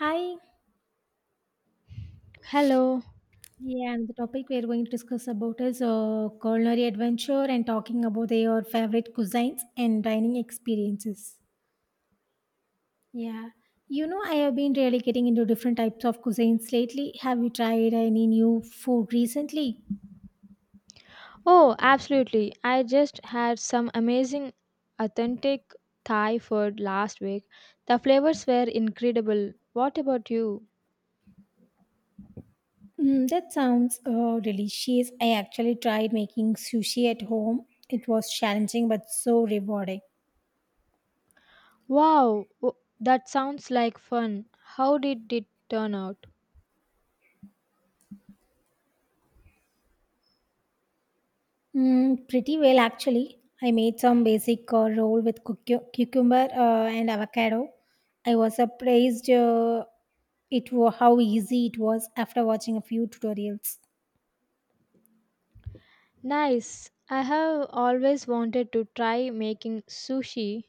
Hi. Hello. Yeah, and the topic we are going to discuss about is culinary adventure and talking about your favorite cuisines and dining experiences. Yeah. You know, I have been really getting into different types of cuisines lately. Have you tried any new food recently? Oh, absolutely. I just had some amazing, authentic Thai food last week. The flavors were incredible. What about you? Mm, that sounds delicious. I actually tried making sushi at home. It was challenging but so rewarding. Wow, that sounds like fun. How did it turn out? Mm, pretty well, actually. I made some basic roll with cucumber and avocado. I was surprised, how easy it was after watching a few tutorials. Nice. I have always wanted to try making sushi.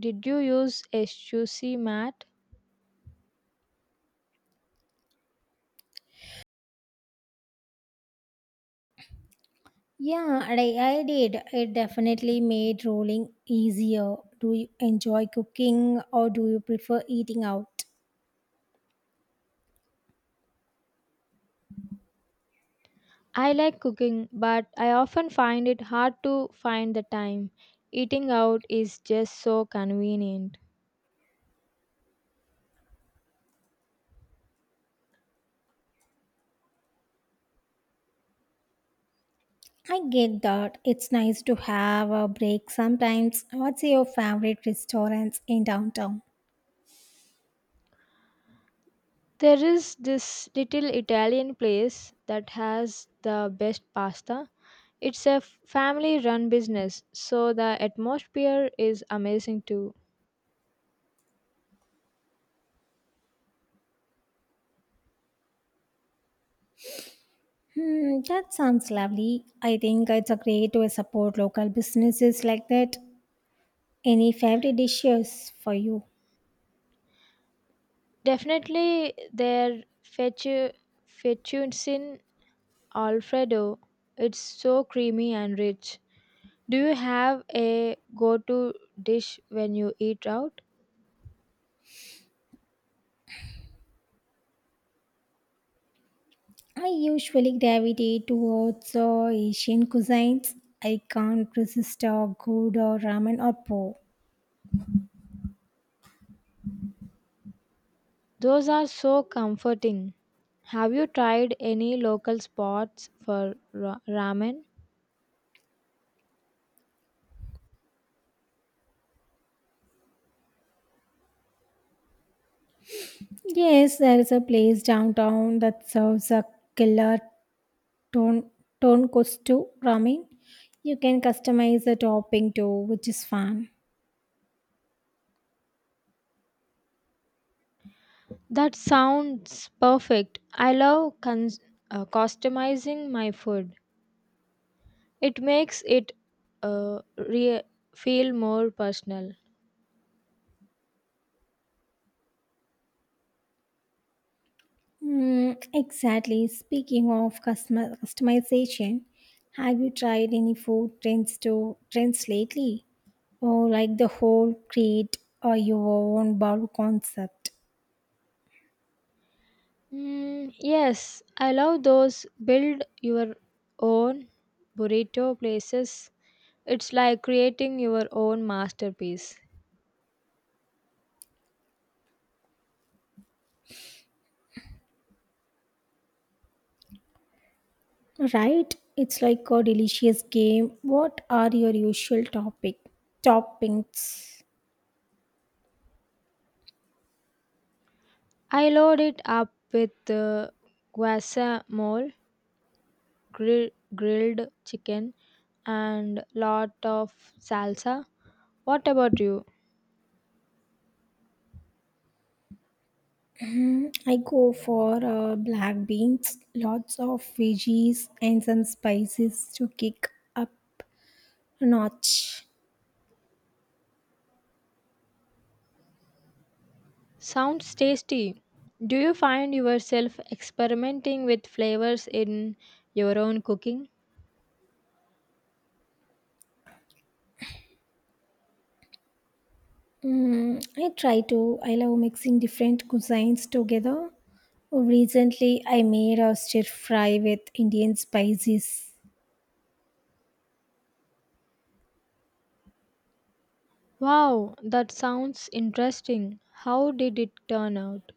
Did you use a sushi mat? Yeah, and I did. It definitely made rolling easier. Do you enjoy cooking or do you prefer eating out? I like cooking, but I often find it hard to find the time. Eating out is just so convenient. I get that. It's nice to have a break sometimes. What's your favorite restaurants in downtown? There is this little Italian place that has the best pasta. It's a family run business, so the atmosphere is amazing too. Hmm, that sounds lovely. I think it's a great way to support local businesses like that. Any favorite dishes for you? Definitely their fettu- fettuccine alfredo. It's so creamy and rich. Do you have a go-to dish when you eat out? I usually gravitate towards Asian cuisines. I can't resist a good ramen or po. Those are so comforting. Have you tried any local spots for ramen? Yes, there is a place downtown that serves a killer ton tonkotsu ramen. You can customize the topping too, which is fun. That sounds perfect. I love customizing my food. It makes it uh, re- feel more personal. Mm, exactly. Speaking of customer customization, have you tried any food trends to trends lately? Or like the whole create or your own bowl concept, Mm, yes, I love those build your own burrito places. It's like creating your own masterpiece. right? It's like a delicious game. What are your usual topic toppings? I load it up with guacamole, grill- grilled chicken, and lot of salsa. What about you? I go for black beans, lots of veggies, and some spices to kick up a notch. Sounds tasty. Do you find yourself experimenting with flavors in your own cooking? Mm, I try to. I love mixing different cuisines together. Recently, I made a stir fry with Indian spices. Wow, that sounds interesting. How did it turn out?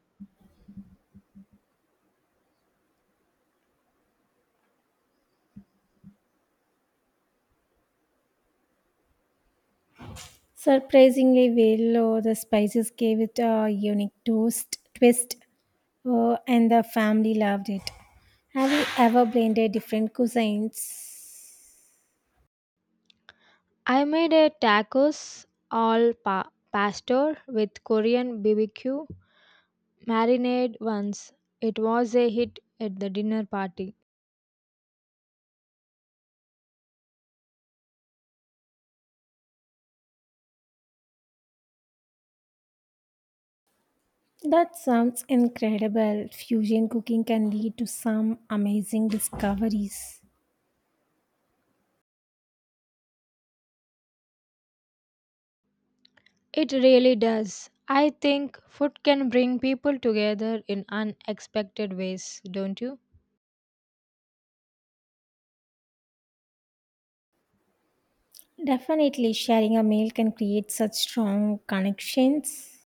Surprisingly well, the spices gave it a unique twist, and the family loved it. Have you ever blended different cuisines? I made a tacos al pastor with Korean BBQ marinade once. It was a hit at the dinner party. That sounds incredible. Fusion cooking can lead to some amazing discoveries. It really does. I think food can bring people together in unexpected ways, don't you? Definitely, sharing a meal can create such strong connections.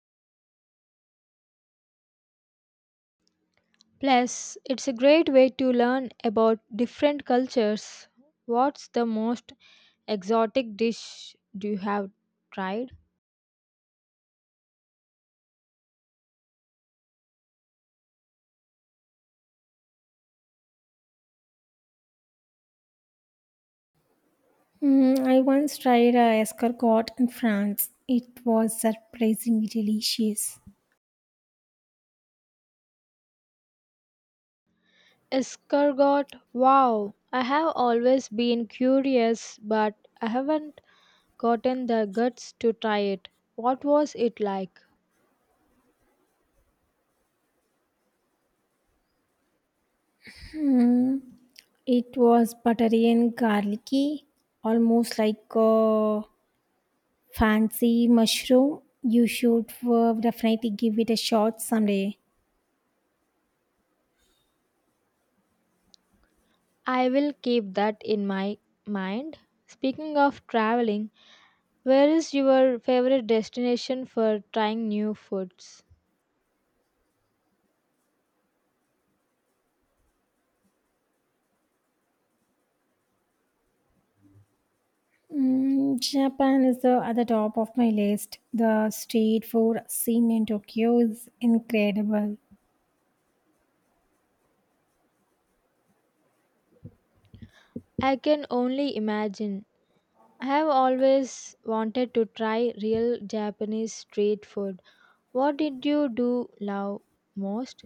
Plus, it's a great way to learn about different cultures. What's the most exotic dish do you have tried? Mm, I once tried a escargot in France. It was surprisingly delicious. Escargot. Wow, I have always been curious, but I haven't gotten the guts to try it. What was it like? Mm, it was buttery and garlicky, almost like a fancy mushroom. You should definitely give it a shot someday. I will keep that in my mind. Speaking of traveling, where is your favorite destination for trying new foods? Mm, Japan is the other top of my list. The street food scene in Tokyo is incredible. I can only imagine. I have always wanted to try real Japanese street food. What did you do love most?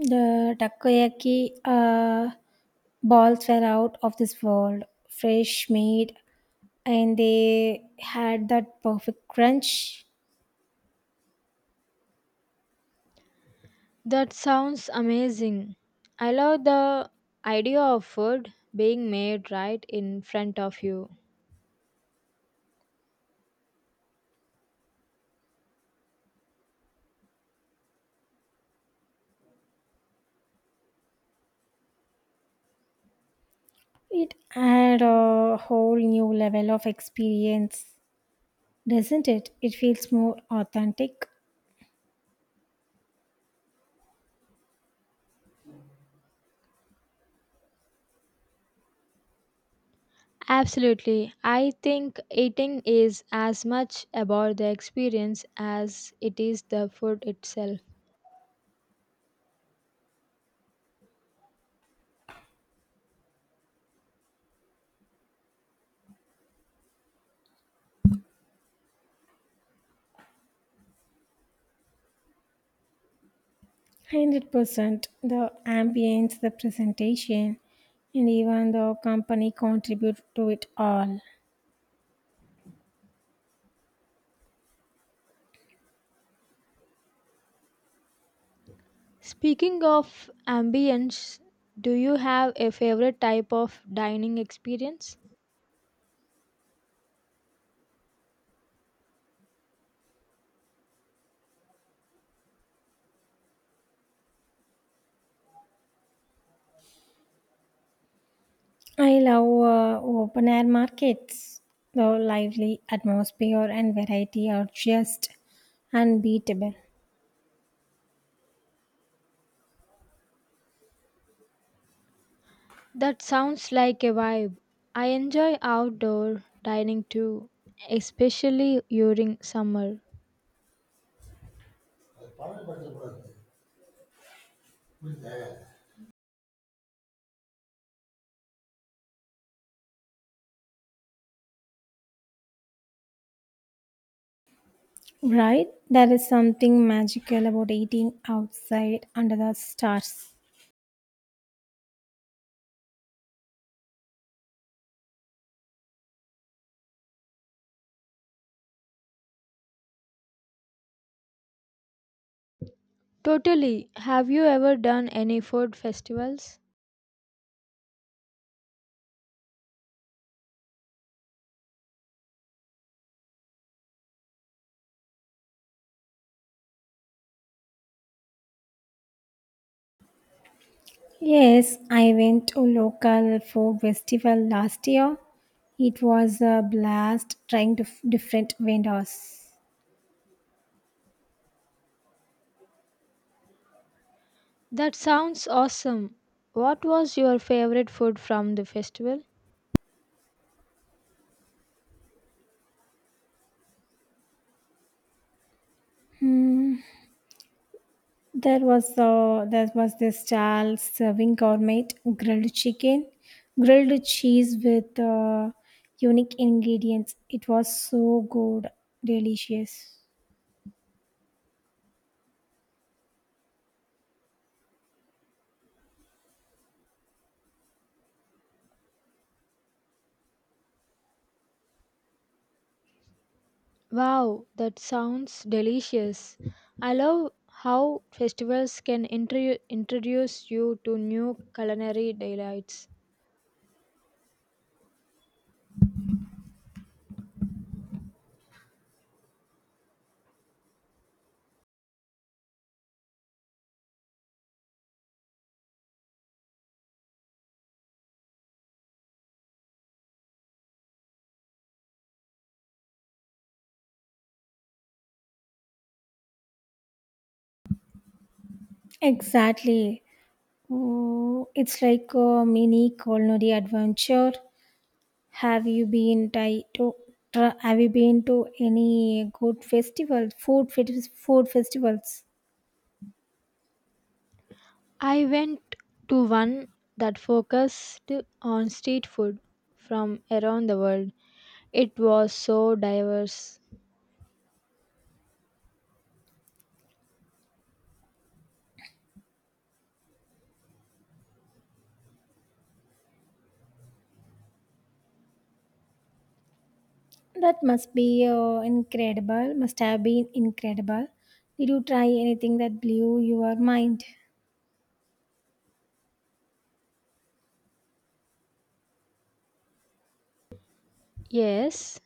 The takoyaki balls were out of this world, fresh made, and they had that perfect crunch. That sounds amazing. I love the idea of food being made right in front of you. It had a whole new level of experience, doesn't it? It feels more authentic. Absolutely. I think eating is as much about the experience as it is the food itself. 100% the ambience, the presentation, and even the company contribute to it all. Speaking of ambience, do you have a favorite type of dining experience? I love open air markets. The lively atmosphere and variety are just unbeatable. That sounds like a vibe. I enjoy outdoor dining too, especially during summer. Right? There is something magical about eating outside under the stars. Totally. Have you ever done any food festivals? Yes, I went to local folk festival last year. It was a blast trying to different vendors. That sounds awesome. What was your favorite food from the festival? There was this Charles serving gourmet grilled chicken, grilled cheese with unique ingredients. It was so delicious. Wow, that sounds delicious. I love how festivals can introduce you to new culinary delights. Exactly. Oh, it's like a mini culinary adventure. Have you been ti- to? Have you been to any good food festivals? I went to one that focused on street food from around the world. It was so diverse. That must be incredible. Must have been incredible. Did you try anything that blew your mind? Yes,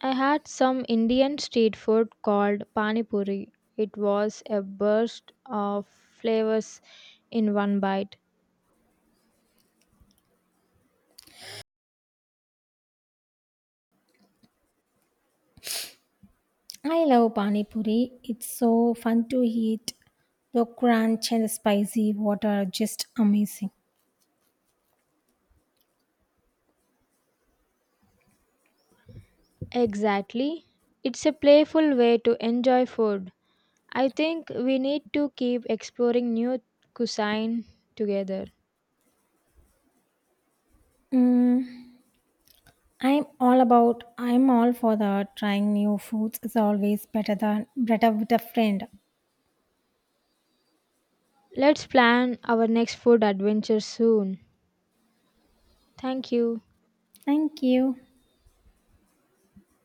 I had some Indian street food called pani puri. It was a burst of flavors in one bite. I love pani puri. It's so fun to eat. The crunch and the spicy water are just amazing. Exactly. It's a playful way to enjoy food. I think we need to keep exploring new cuisine together. Mm, I'm all about. I'm all for the trying new foods. It's always better with a friend. Let's plan our next food adventure soon. Thank you. Thank you.